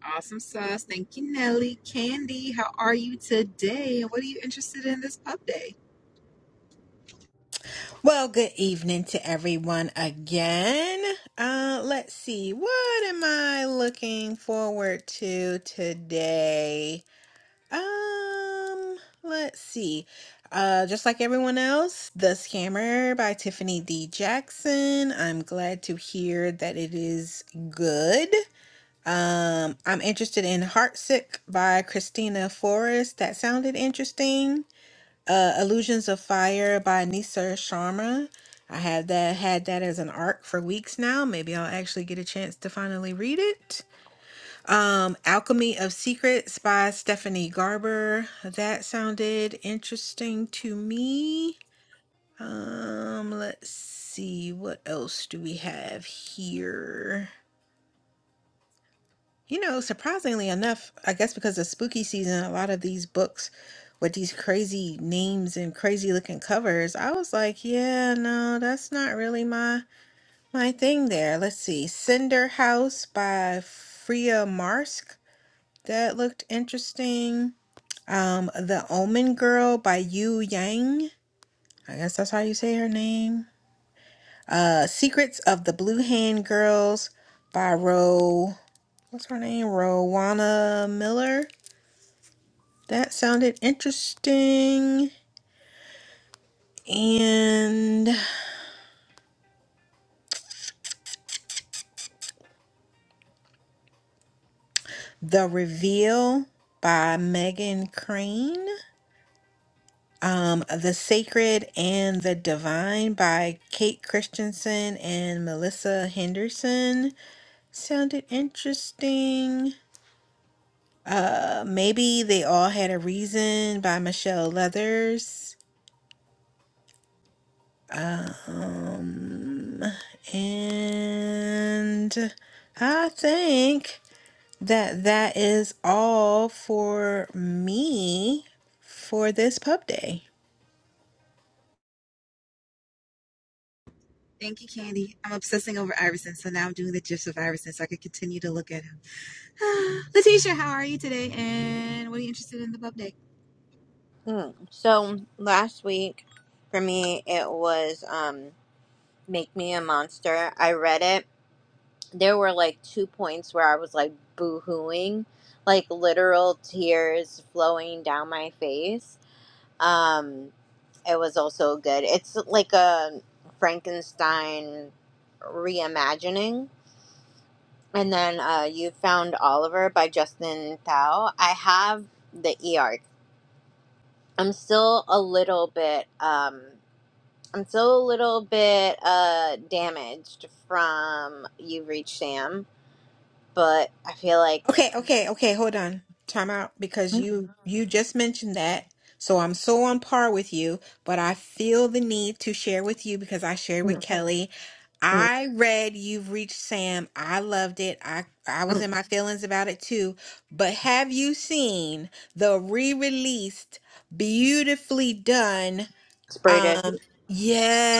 Speaker 3: awesome sauce. Thank you, Nelly. Candy, how are you today? And what are you interested in this pub day?
Speaker 7: Well, good evening to everyone again. Uh let's see. What am I looking forward to today? Um, let's see. Uh, just like everyone else, The Scammer by Tiffany D. Jackson. I'm glad to hear that it is good. Um, I'm interested in Heartsick by Christina Forrest. That sounded interesting. Uh, Illusions of Fire by Nisa Sharma. I had that had that as an arc for weeks now. Maybe I'll actually get a chance to finally read it. Um, Alchemy of Secrets by Stephanie Garber. That sounded interesting to me. Um, let's see, what else do we have here? You know, surprisingly enough, I guess because of spooky season, a lot of these books with these crazy names and crazy looking covers, I was like, yeah, no, that's not really my my thing there. Let's see. Cinder House by Freya Marsk. That looked interesting. Um, The Omen Girl by Yu Yang. I guess that's how you say her name. Uh, Secrets of the Blue Hand Girls by Ro. What's her name? Rowana Miller. That sounded interesting. And The Reveal by Megan Crane. Um, The Sacred and the Divine by Kate Christensen and Melissa Henderson. Sounded interesting. Uh, maybe they all had a reason by Michelle Leathers. Um, and I think that that is all for me for this pub day.
Speaker 3: Thank you, Candy. I'm obsessing over Iverson, so now I'm doing the gifs of Iverson so I can continue to look at him. Letitia, how are you today? And what are you interested in the pub day?
Speaker 1: lie. Mm. So last week for me, it was um "Make Me a Monster." I read it there were like two points where I was like boo-hooing, like literal tears flowing down my face. Um, it was also good. It's like a Frankenstein reimagining. And then uh, you found Oliver by Justin Thau. I have the e arc. I'm still a little bit. Um, I'm still a little bit uh, damaged from You've Reached Sam, but I feel like
Speaker 7: Okay, okay, okay, hold on. Time out because you you just mentioned that. So I'm so on par with you, but I feel the need to share with you because I shared with Kelly.
Speaker 1: Mm-mm.
Speaker 7: I read You've Reached Sam. I loved it. I I was in my feelings about it too. But have you seen the re-released beautifully done
Speaker 1: Sprayed it.
Speaker 7: um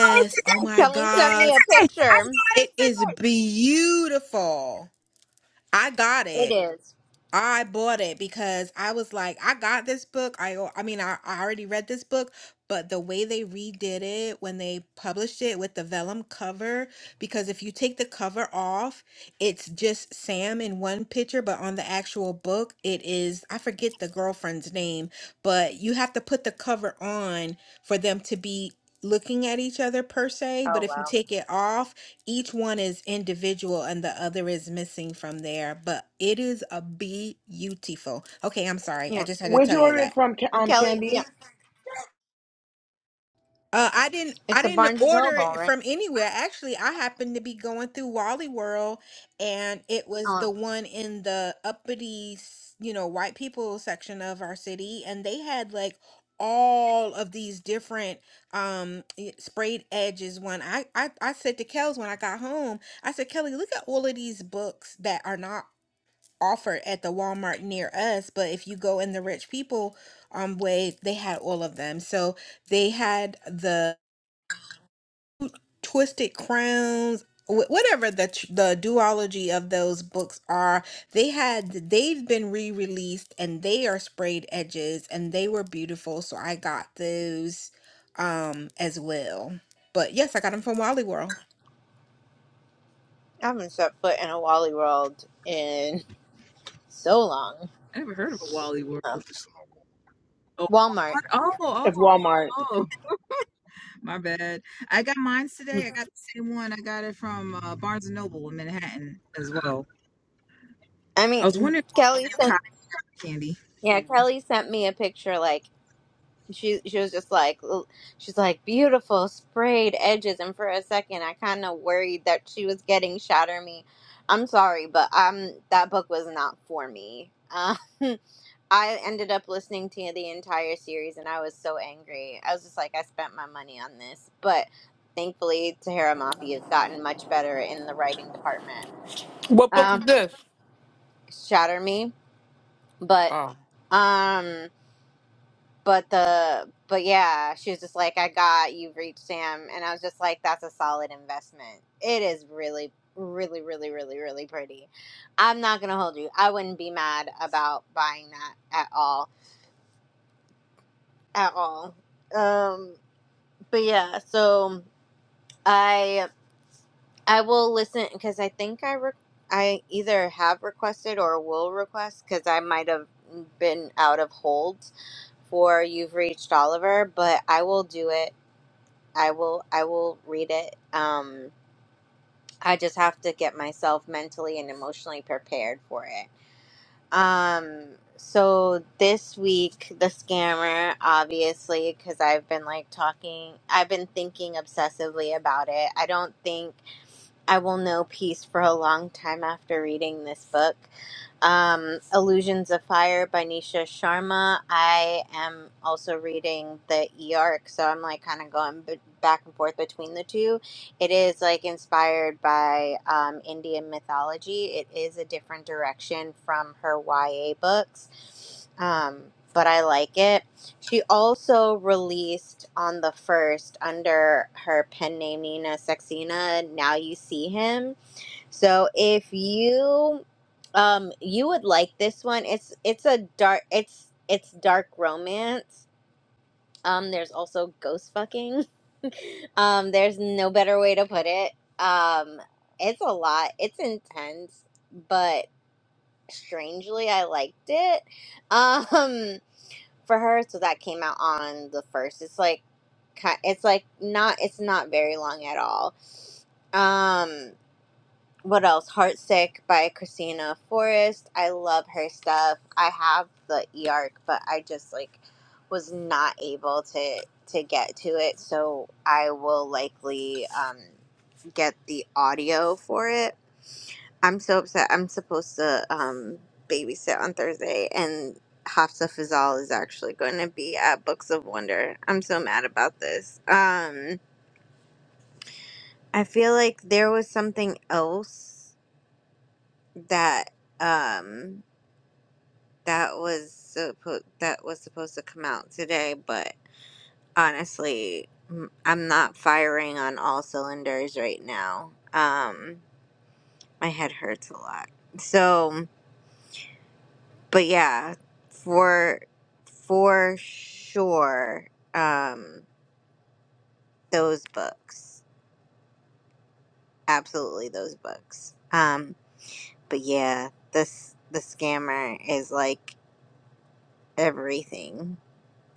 Speaker 3: I got it
Speaker 7: oh
Speaker 3: today.
Speaker 7: my
Speaker 1: Kelly sent
Speaker 7: god.
Speaker 1: me a
Speaker 3: I got
Speaker 1: picture.
Speaker 3: it
Speaker 7: It
Speaker 3: today.
Speaker 7: is beautiful. I got
Speaker 1: It
Speaker 7: it.
Speaker 1: is.
Speaker 7: I bought it because I was like, I got this book. I al- I mean, I, I already read this book, but the way they redid it when they published it with the vellum cover, because if you take the cover off, it's just Sam in one picture, but on the actual book, it is, I forget the girlfriend's name, but you have to put the cover on for them to be looking at each other per se. But
Speaker 1: Oh
Speaker 7: if you
Speaker 1: wow.
Speaker 7: take it off, each one is individual and the other is missing from there, but it is a beautiful. Okay, I'm sorry. I
Speaker 1: Yeah.
Speaker 7: just had to
Speaker 4: Where'd
Speaker 7: tell
Speaker 4: you
Speaker 7: you
Speaker 4: order
Speaker 7: that.
Speaker 4: it from? Ca-
Speaker 1: And
Speaker 4: Um,
Speaker 1: Kelly. Yeah.
Speaker 4: Candy.
Speaker 7: Uh, I didn't.
Speaker 1: It's
Speaker 7: I
Speaker 1: a
Speaker 7: didn't
Speaker 1: Barnes and
Speaker 7: order
Speaker 1: Noble,
Speaker 7: it
Speaker 1: right?
Speaker 7: from anywhere. Actually, I happened to be going through Wally World, and it was
Speaker 1: Oh,
Speaker 7: the one in the uppity, s- you know, white people section of our city, and they had like all of these different um eh, sprayed edges. One, I, I, I said to Kels when I got home, I said, Kelly, look at all of these books that are not offered at the Walmart near us, but if you go in the rich people um way, they had all of them. So they had the Twisted Crowns, wh- whatever the tr- the duology of those books are, they had they've been re-released and they are sprayed edges and they were beautiful. So I got those um as well. But yes, I got them from Wally World.
Speaker 1: I haven't set foot in a Wally World in so long.
Speaker 3: I never heard of a Wally World.
Speaker 1: Um,
Speaker 3: Oh,
Speaker 1: Walmart.
Speaker 3: what? oh, oh,
Speaker 4: It's Walmart.
Speaker 3: oh, my bad. I got mine today. I got the same one. I got it from uh, Barnes and Noble in Manhattan as well.
Speaker 1: I
Speaker 3: I was
Speaker 1: mean,
Speaker 3: wondering if
Speaker 1: Kelly
Speaker 3: you
Speaker 1: sent.
Speaker 3: cotton candy.
Speaker 1: Yeah, Kelly sent me a picture. Like she she was just like l- she's like beautiful sprayed edges and for a second i kind of worried that she was getting shatter me i'm sorry but um that book was not for me um i ended up listening to the entire series and i was so angry i was just like i spent my money on this but thankfully tahara mafi has gotten much better in the writing department
Speaker 5: What book is
Speaker 1: um
Speaker 5: this?
Speaker 1: shatter me but
Speaker 5: Oh,
Speaker 1: um but the but yeah she was just like i got you've reached sam and i was just like that's a solid investment it is really really really really really pretty i'm not gonna hold you i wouldn't be mad about buying that at all at all um but yeah so i i will listen because i think i re- i either have requested or will request because i might have been out of hold for you've reached oliver but i will do it I will I will read it. Um I just have to get myself mentally and emotionally prepared for it. Um so this week the scammer obviously cuz I've been like talking I've been thinking obsessively about it. I don't think I will know peace for a long time after reading this book. Um, Illusions of Fire by Nisha Sharma. I am also reading the E arc, so I'm like kind of going b- back and forth between the two. It is like inspired by um, Indian mythology. It is a different direction from her YA books, um, but I like it. She also released on the first under her pen name Nina Sexina. Now you see him. So if you um you would like this one, it's it's a dark it's it's dark romance. Um, there's also ghost fucking. Um, there's no better way to put it. Um, it's a lot. It's intense, but strangely, I liked it. Um, for her. So that came out on the first. It's like, ki- it's like not, it's not very long at all. Um, what else? Heartsick by Christina Forrest. I love her stuff. I have the e arc, but I just like was not able to to get to it. So I will likely um, get the audio for it I'm so upset. I'm supposed to um babysit on Thursday, and Hafsa Fazal is actually going to be at Books of Wonder. I'm so mad about this. Um, I feel like there was something else that um that was supposed that was supposed to come out today, but honestly, m- I'm not firing on all cylinders right now. Um, my head hurts a lot. So. but yeah, for for sure, um, those books, absolutely those books. Um, but yeah, this the scammer is like everything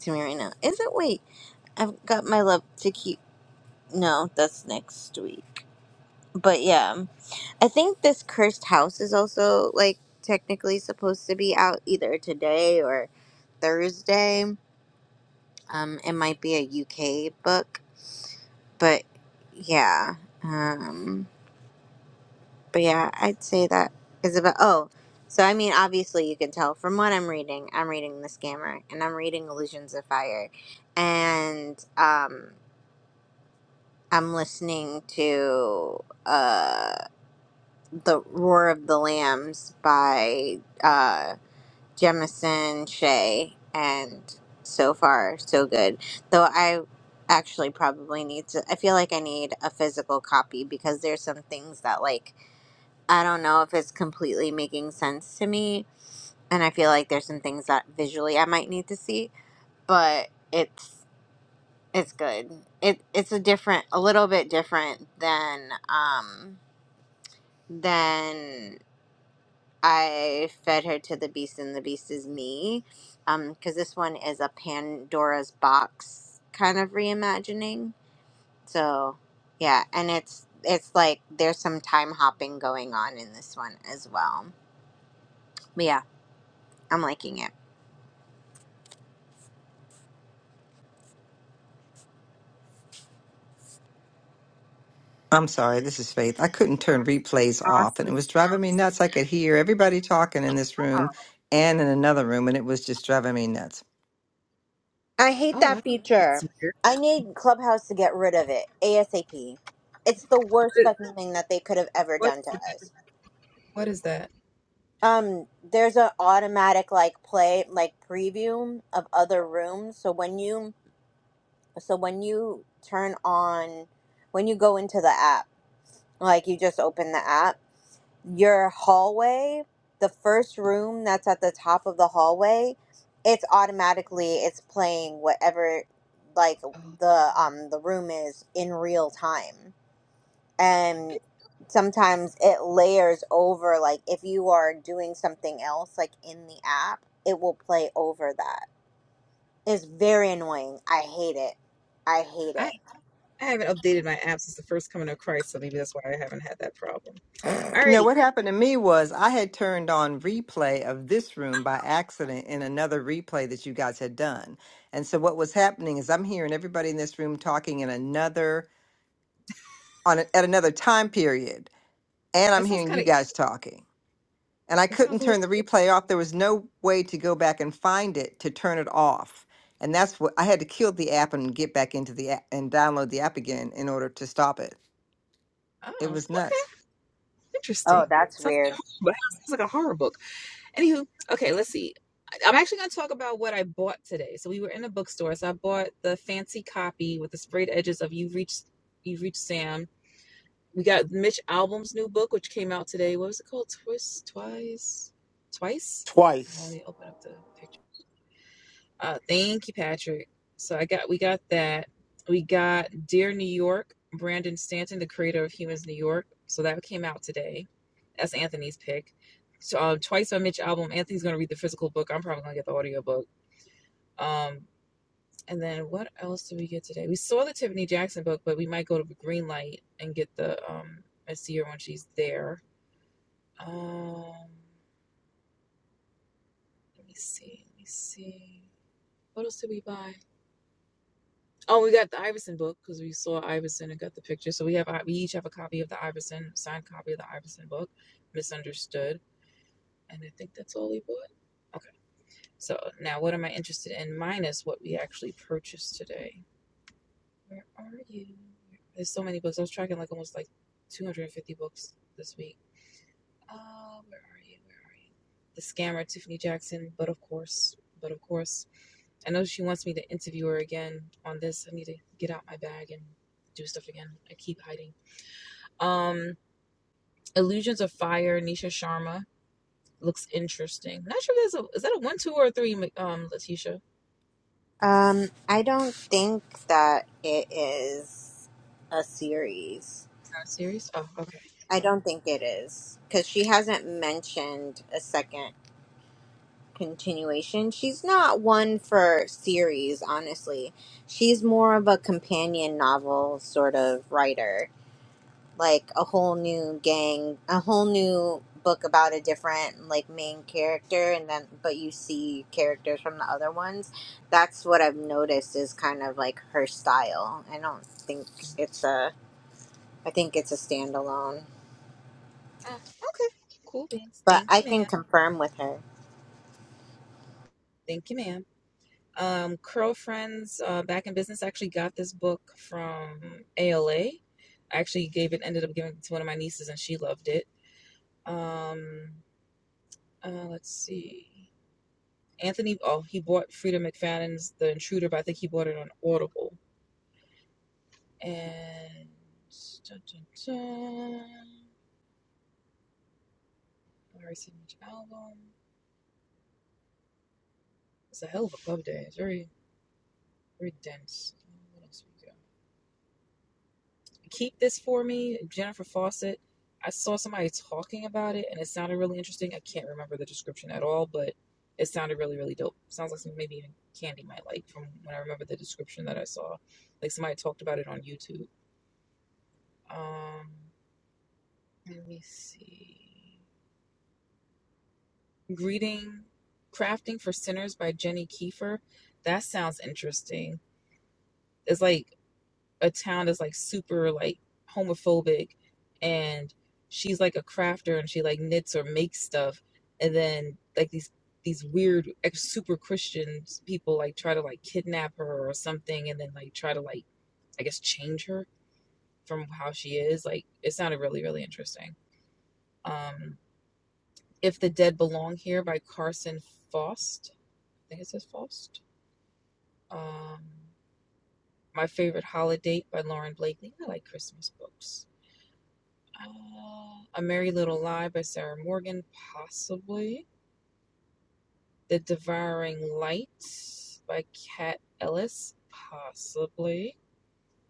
Speaker 1: to me right now. Is it? Wait, I've got my love to keep. No, that's next week. But yeah, I think this cursed house is also like technically supposed to be out either today or Thursday. Um, it might be a UK book but yeah um but yeah i'd say that is about oh so i mean obviously you can tell from what i'm reading i'm reading the scammer and i'm reading illusions of fire and um i'm listening to uh the roar of the lambs by uh, Jemison, Shea and so far so good. Though I actually probably need to. I feel like I need a physical copy because there's some things that like I don't know if it's completely making sense to me, and I feel like there's some things that visually I might need to see. But it's it's good. It it's a different, a little bit different than um than I fed her to the beast, and the beast is me. Um, because this one is a Pandora's box kind of reimagining. So, yeah, and it's it's like there's some time hopping going on in this one as well. But yeah, I'm liking it.
Speaker 2: I'm sorry, this is Faith. I couldn't turn replays off, and it
Speaker 3: Awesome.
Speaker 2: was driving me nuts. I could hear everybody talking in this room and in another room, and it was just driving me nuts.
Speaker 1: I hate
Speaker 3: Oh, wow.
Speaker 1: that
Speaker 3: That's
Speaker 1: feature.
Speaker 3: weird.
Speaker 1: I need Clubhouse to get rid of it ASAP. It's the
Speaker 3: What
Speaker 1: worst
Speaker 3: is,
Speaker 1: fucking thing that they could have ever
Speaker 3: what
Speaker 1: done to
Speaker 3: is that?
Speaker 1: us.
Speaker 3: What is that?
Speaker 1: Um, there's an automatic like play like preview of other rooms. So when you so when you turn on when you go into the app like you just open the app your hallway the first room that's at the top of the hallway it's automatically it's playing whatever like
Speaker 3: Oh.
Speaker 1: the um the room is in real time and sometimes it layers over like if you are doing something else like in the app it will play over that it's very annoying i hate it i hate it
Speaker 3: I, I haven't updated my app since the first coming of Christ, so maybe that's why I haven't had that problem.
Speaker 2: Now,
Speaker 3: Alrighty.
Speaker 2: what happened to me was I had turned on replay of this room by accident in another replay that you guys had done. And so, what was happening is I'm hearing everybody in this room talking in another on a, at another time period, and I'm
Speaker 3: That sounds
Speaker 2: hearing
Speaker 3: kind
Speaker 2: you
Speaker 3: of,
Speaker 2: guys talking. and I
Speaker 3: that sounds
Speaker 2: couldn't
Speaker 3: a
Speaker 2: turn
Speaker 3: little,
Speaker 2: the replay off. There was no way to go back and find it to turn it off. And that's what I had to kill the app and get back into the app and download the app again in order to stop it. It
Speaker 3: oh,
Speaker 2: was nuts.
Speaker 3: okay.
Speaker 1: Oh,
Speaker 3: Interesting.
Speaker 1: that's
Speaker 3: Sounds,
Speaker 1: weird.
Speaker 3: but sounds like a horror book. Anywho, okay, let's see. I- I'm actually going to talk about what I bought today. So we were in a bookstore. So I bought the fancy copy with the sprayed edges of You have Reached You have Reached Sam we got Mitch Albom's new book, which came out today. What was it called? Twist, twice, twice. I
Speaker 6: Twice
Speaker 3: only open up the picture. Uh, thank you, Patrick. So I got we got that. We got Dear New York, Brandon Stanton, the creator of Humans New York. So that came out today. That's Anthony's pick. So um, twice by Mitch album. Anthony's gonna read the physical book. I'm probably gonna get the audio book. Um, and then what else did we get today? We saw the Tiffany Jackson book, but we might go to Greenlight and get the um and see her when she's there um, let me see. Let me see. What else did we buy? Oh, we got the Iverson book because we saw Iverson and got the picture. So we have we each have a copy of the Iverson signed copy of the Iverson book, Misunderstood, and I think that's all we bought. Okay. So now, what am I interested in minus what we actually purchased today? Where are you? There's so many books. I was tracking like almost like 250 books this week. Uh, where are you? Where are you? The scammer, Tiffany Jackson. But of course, but of course, I know she wants me to interview her again on this. I need to get out my bag and do stuff again. I keep hiding. Um, Illusions of Fire, Nisha Sharma looks interesting. Not sure if that's a is that a one, two, or a three, um, Letitia. Is
Speaker 1: Um, I don't think that it is a series.
Speaker 3: that a series? Oh, okay.
Speaker 1: I don't think it is because she hasn't mentioned a second continuation. She's not one for series, honestly. She's more of a companion novel sort of writer. like a whole new gang, a whole new book about a different like main character and then but you see characters from the other ones. That's what I've noticed is kind of like her style. I don't think it's a I think it's a standalone.
Speaker 3: Oh, okay. Cool beans.
Speaker 1: But
Speaker 3: Thank
Speaker 1: I
Speaker 3: you,
Speaker 1: can
Speaker 3: ma'am.
Speaker 1: confirm with her.
Speaker 3: Thank you, ma'am. Um, Curl Friends uh, Back in Business I actually got this book from ALA. I actually gave it, ended up giving it to one of my nieces, and she loved it. Um, uh, let's see. Anthony, oh, he bought Frida McFadden's The Intruder, but I think he bought it on Audible. And. Dun, dun, dun. Larry Signature album. It's a hell of a pub day. It's very, very dense. What else we got? keep this for me, Jennifer Fawcett. I saw somebody talking about it and it sounded really interesting. I can't remember the description at all, but it sounded really, really dope. Sounds like something maybe even Candy might like from when I remember the description that I saw. Like somebody talked about it on YouTube. Um, let me see. Greeting Crafting for Sinners by Jenny Kiefer. That sounds interesting. It's like a town that's like super like homophobic and she's like a crafter and she like knits or makes stuff and then like these these weird ex super christian people like try to like kidnap her or something and then like try to like i guess change her from how she is like it sounded really really interesting um if the dead belong here by carson faust i think it says faust um my favorite holiday by lauren blakely i like christmas books Uh, A Merry Little Lie by Sarah Morgan, possibly. The Devouring Light by Kat Ellis, possibly.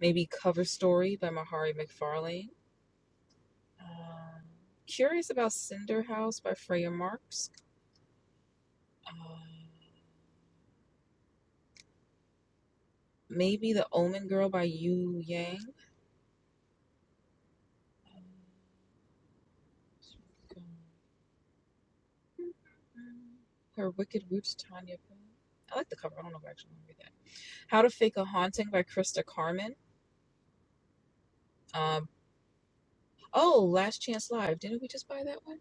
Speaker 3: Maybe Cover Story by Mahari McFarlane. Uh, Curious About Cinder House by Freya Marks. Uh, maybe The Omen Girl by Yu Yang. Her Wicked Roots, Tanya. I like the cover. I don't know if I actually want to read that. How to Fake a Haunting by Krista Carmen. Uh, Oh, Last Chance Live. Didn't we just buy that one?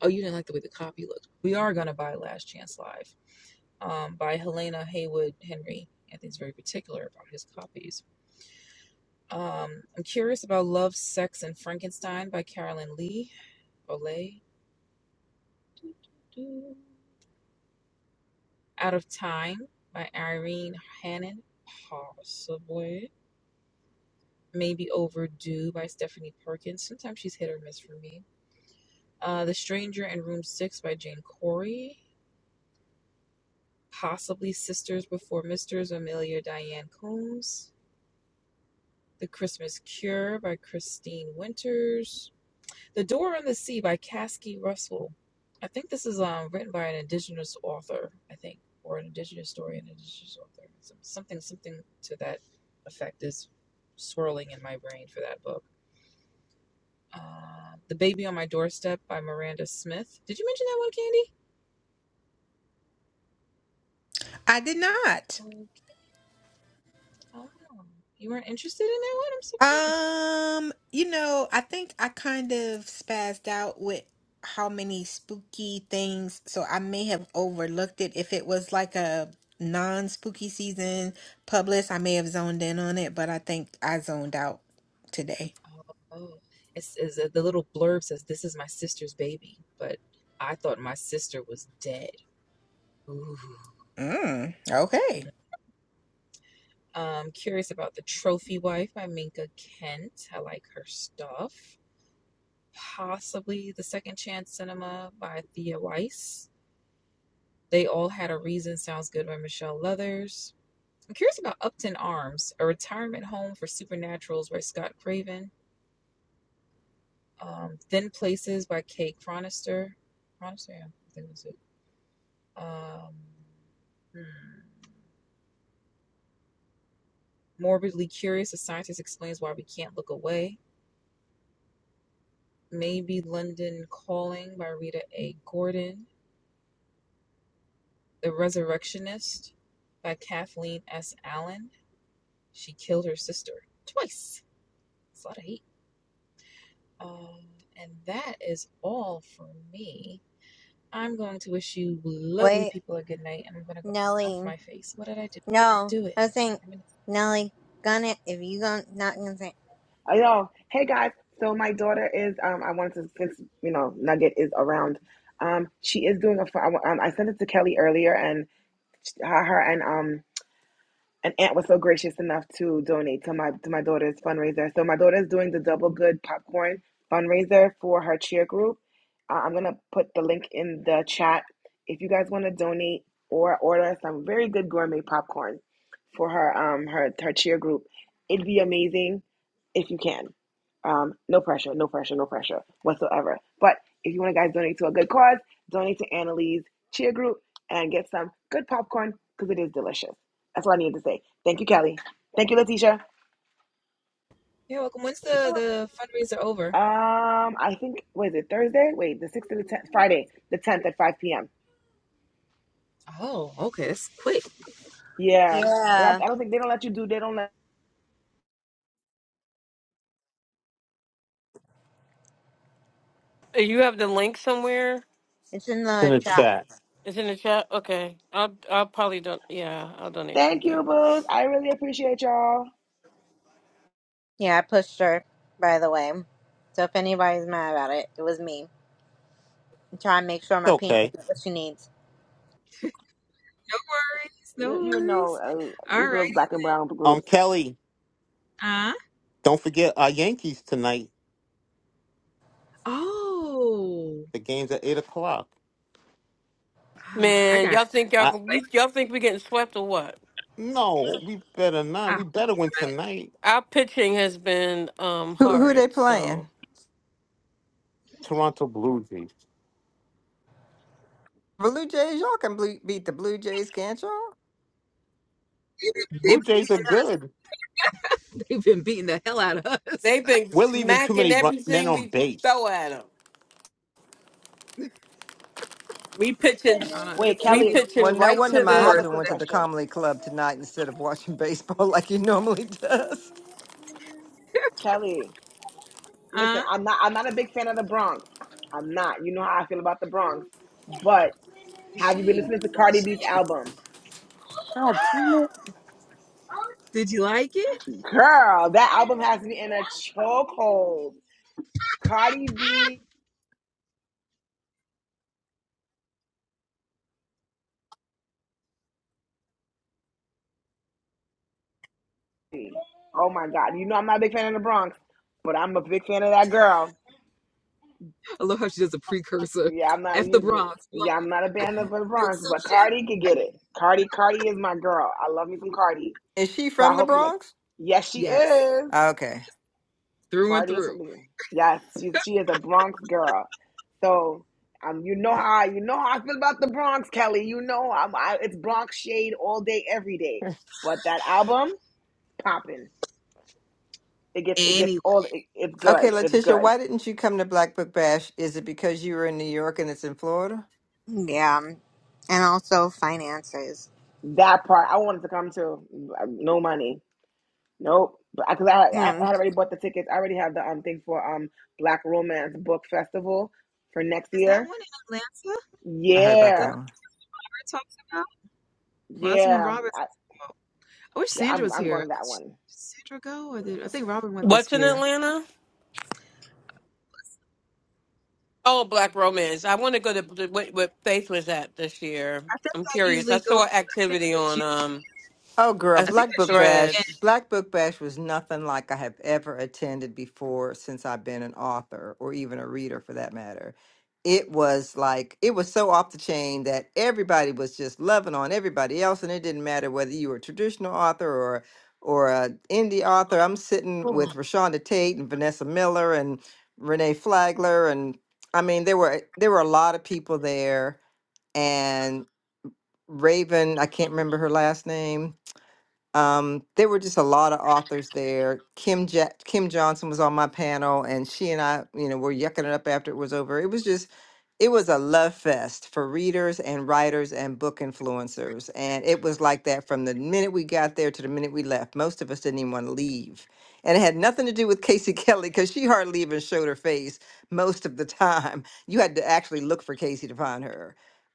Speaker 3: Oh, you didn't like the way the copy looked. We are gonna buy Last Chance Live um, by Helena Haywood Henry. Anthony's very particular about his copies. Um, I'm curious about Love, Sex, and Frankenstein by Carolyn Lee. Olay. Doo, doo, doo. Out of Time by Irene Hannon. Possibly. Maybe Overdue by Stephanie Perkins. Sometimes she's hit or miss for me. Uh, the Stranger in Room 6 by Jane Corey. possibly Sisters Before Misters, Amelia Diane Combs. The Christmas Cure by Christine Winters. The Door on the Sea by Caskey Russell. I think this is um, written by an indigenous author, I think, or an indigenous story, an indigenous author. Something, something to that effect is swirling in my brain for that book. Uh, the Baby on My Doorstep by Miranda Smith. Did you mention that one,
Speaker 7: I did not.
Speaker 3: Candy? Oh, oh, you weren't interested in that one? I'm surprised.
Speaker 7: Um, you know, I think I kind of spazzed out with how many spooky things, so I may have overlooked it. If it was like a non-spooky season published, I may have zoned in on it, but I think I zoned out today.
Speaker 3: Oh, it's, it's uh, the little blurb says, "This is my sister's baby," but I thought my sister was dead. Ooh.
Speaker 7: Mm, okay.
Speaker 3: Um, curious about the Trophy Wife by Minka Kent. I like her stuff. Possibly The Second Chance Cinema by Thea Weiss. They All Had a Reason sounds good by Michelle Leathers. I'm curious about Upton Arms, a retirement home for supernaturals by Scott Craven. Um, Thin Places by Kay Cronister. Cronister, yeah, I think it it. Um, hmm. Morbidly Curious, a scientist explains why we can't look away. Maybe London Calling by Rita A. Gordon. The Resurrectionist by Kathleen S. Allen. She killed her sister twice. It's a lot of hate. Um, and that is all for me. I'm going to wish you lovely
Speaker 1: Wait,
Speaker 3: people a good night, and I'm going to go stuff
Speaker 1: Nelly.
Speaker 3: my face. What did I do?
Speaker 1: No,
Speaker 3: Do it.
Speaker 1: I was saying
Speaker 3: I'm gonna-
Speaker 1: Nelly, gun it if you gon' not gonna say
Speaker 4: Oh, yo, hey guys. So my daughter is. Um, I wanted to since you know Nugget is around. Um, she is doing a. fr- I, wa- um, I sent it to Kelly earlier, and sh- her, her and um an aunt was so gracious enough to donate to my to my daughter's fundraiser. So my daughter's doing the Double Good Popcorn fundraiser for her cheer group. Uh, I'm gonna put the link in the chat if you guys want to donate or order some very good gourmet popcorn for her um her her cheer group. It'd be amazing if you can. Um, no pressure, no pressure, no pressure whatsoever. But if you want to guys donate to a good cause, donate to Annalise Cheer Group and get some good popcorn because it is delicious. That's what I needed to say. Thank you, Kelly. Thank you, Letitia.
Speaker 3: You're welcome. When's the the fundraiser over?
Speaker 4: Um, I think what is it Thursday? Wait, the sixth to the tenth, Friday, the tenth at five p.m.
Speaker 3: Oh, okay. That's quick.
Speaker 4: Yeah, 'Cause
Speaker 1: Yeah.
Speaker 4: I, I don't think they don't let you do. They don't let.
Speaker 5: Uh, you have the link somewhere?
Speaker 1: It's in
Speaker 6: in
Speaker 1: the
Speaker 6: the
Speaker 1: chat.
Speaker 6: chat.
Speaker 5: It's in the chat. Okay, I'll I'll probably don. Yeah, I'll donate
Speaker 4: Thank you,
Speaker 5: something.
Speaker 4: Booz. I really appreciate y'all.
Speaker 1: Yeah, I pushed her, by the way. So if anybody's mad about it, it was me. I'm trying to make sure my
Speaker 6: It's
Speaker 1: peanut
Speaker 6: okay.
Speaker 1: gets what she needs.
Speaker 3: No worries, no
Speaker 4: You, you know
Speaker 3: worries.
Speaker 4: uh,
Speaker 3: All
Speaker 4: these
Speaker 3: right.
Speaker 4: little black and brown
Speaker 6: Um,
Speaker 4: groups.
Speaker 6: Kelly,
Speaker 3: Uh,
Speaker 6: don't forget our Yankees tonight.
Speaker 3: oh,
Speaker 6: The game's at 8 o'clock.
Speaker 3: ah, I
Speaker 5: Man,
Speaker 3: got.
Speaker 5: y'all think y'all
Speaker 6: I,
Speaker 5: gon- you, y'all think we getting swept or what?
Speaker 6: no, we better
Speaker 3: I
Speaker 6: not.
Speaker 3: heard
Speaker 6: We better win
Speaker 3: about it.
Speaker 6: tonight.
Speaker 5: Our pitching has been um
Speaker 2: Who who
Speaker 5: horrid,
Speaker 2: they playing?
Speaker 5: so
Speaker 6: Toronto Blue Jays.
Speaker 2: Well, Blue Jays, y'all can blue, beat the Blue Jays, can't y'all?
Speaker 3: They've been, they've,
Speaker 6: Blue
Speaker 3: been
Speaker 6: Jays are
Speaker 3: beating us-
Speaker 6: good.
Speaker 3: they've been beating the hell out of us.
Speaker 5: they've been
Speaker 6: We're leaving too
Speaker 5: smacking
Speaker 6: many run- men
Speaker 5: everything
Speaker 6: on
Speaker 5: we throw
Speaker 6: base.
Speaker 5: at them. We pitching,
Speaker 3: Uh, I guess Anthony
Speaker 4: Wait,
Speaker 5: we
Speaker 3: city will
Speaker 2: Well,
Speaker 5: pitching
Speaker 2: no
Speaker 3: come
Speaker 5: right
Speaker 3: the
Speaker 2: wonder
Speaker 5: to
Speaker 2: my
Speaker 4: I
Speaker 5: the
Speaker 4: have
Speaker 3: scores.
Speaker 2: husband went to the
Speaker 4: question,
Speaker 2: comedy club tonight instead of watching baseball like he normally does.
Speaker 4: Kelly. Listen,
Speaker 3: Huh?
Speaker 4: I'm not. I'm not a big fan of the Bronx. I'm not. You know how I feel about the Bronx. But
Speaker 3: The
Speaker 4: have you been
Speaker 3: shade.
Speaker 4: listening to
Speaker 3: Why the
Speaker 4: Cardi B's album?
Speaker 5: God
Speaker 3: shade?
Speaker 5: damn it.
Speaker 3: Did you like it?
Speaker 4: Girl, that album has me in a chokehold. Cardi B Oh my God. You know I'm not a big fan of the Bronx, but I'm a big fan of that girl.
Speaker 3: I love how she does a precursor.
Speaker 4: Yeah, I'm not
Speaker 3: F the
Speaker 4: you.
Speaker 3: Bronx. Well,
Speaker 4: Yeah, I'm not a fan of the
Speaker 3: the
Speaker 4: Bronx, but
Speaker 3: exception.
Speaker 4: Cardi could get it. Cardi, Cardi is my girl. I love me some Cardi.
Speaker 2: Is she
Speaker 4: So I
Speaker 2: from the
Speaker 4: hope you like.
Speaker 2: Bronx?
Speaker 4: Yes, she
Speaker 3: Yes,
Speaker 4: is.
Speaker 2: Okay.
Speaker 3: through and
Speaker 4: Cardi is
Speaker 3: through.
Speaker 4: something. Yes, she she is a Bronx girl. So um, you know how I- you know how I feel about the Bronx, Kelly. You know I'm I, it's Bronx shade all day, every day. But that album popping. It gets it gets
Speaker 3: Anyway,
Speaker 4: all. It, it's
Speaker 2: Okay,
Speaker 4: good. It's
Speaker 2: Letitia,
Speaker 4: good.
Speaker 2: why didn't you come to Black Book Bash? Is it because you were in New York and it's in Florida?
Speaker 1: Yeah. And also finances.
Speaker 4: That part I wanted to come to. uh, No money. Nope. But because I, 'cause I I
Speaker 1: Mm.
Speaker 4: had already bought the tickets. I already have the um thing for um Black Romance Book Festival for next
Speaker 3: is that one
Speaker 4: year.
Speaker 3: in Atlanta
Speaker 2: I heard about
Speaker 3: that the
Speaker 4: Yeah,
Speaker 2: that one.
Speaker 3: bird talks about? Well, that's the one
Speaker 4: yeah,
Speaker 3: Robin's.
Speaker 4: I,
Speaker 3: I wish
Speaker 4: yeah.
Speaker 3: Sandra
Speaker 4: I'm
Speaker 3: was
Speaker 4: I'm
Speaker 3: here.
Speaker 4: going to
Speaker 3: Did
Speaker 4: that
Speaker 3: she- did
Speaker 4: one.
Speaker 3: Sandra go, or did I think Robin went
Speaker 5: What's
Speaker 3: this
Speaker 5: in
Speaker 3: year?
Speaker 5: Atlanta? Oh, Black Romance. I want to go to to what, what Faith was at this year.
Speaker 3: I think
Speaker 5: I'm
Speaker 3: I
Speaker 5: curious. I
Speaker 3: usually go. I
Speaker 5: saw
Speaker 3: think
Speaker 5: activity
Speaker 3: that's,
Speaker 5: on
Speaker 3: u-
Speaker 5: um
Speaker 2: Oh, girl,
Speaker 3: I
Speaker 5: us-
Speaker 3: think
Speaker 2: Black
Speaker 3: that's
Speaker 2: Book
Speaker 3: usually
Speaker 2: Bash.
Speaker 3: it.
Speaker 5: Threads.
Speaker 2: Black Book Bash was nothing like I have ever attended before since I've been an author or even a reader for that matter. It was like, it was so off the chain that everybody was just loving on everybody else. And it didn't matter whether you were a traditional author or or an indie author. I'm sitting with
Speaker 6: Good
Speaker 2: Rashonda Tate and Vanessa Miller and Renee Flagler. And I mean, there were there were a lot of people there. And Raven, I can't remember her last name um, there were just a lot of authors there. Kim ja- Kim Johnson was on my panel, and she and I, you know, were yucking it up after it was over. It was just, it was a love fest for readers and writers and book influencers, and it was like that from the minute we got there to the minute we left. Most of us didn't even want to leave, and it had nothing to do with Casey Kelly because she hardly even showed her face most of the time. You had to actually look for Casey to find her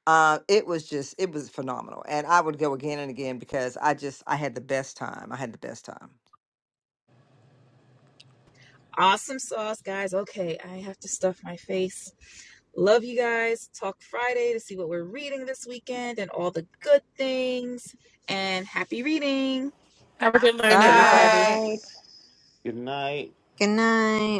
Speaker 2: uh, it was just, it was phenomenal. And I would go again and again because I just, I had the best time. I had the best time.
Speaker 3: Awesome sauce, guys. Okay, I have to stuff my face. Love you guys. Talk Friday to see what we're reading this weekend and all the good things. And happy reading.
Speaker 5: Have a good night,
Speaker 7: And
Speaker 4: Good
Speaker 2: Bye.
Speaker 5: everybody.
Speaker 7: I
Speaker 4: night.
Speaker 6: night.
Speaker 1: Good night.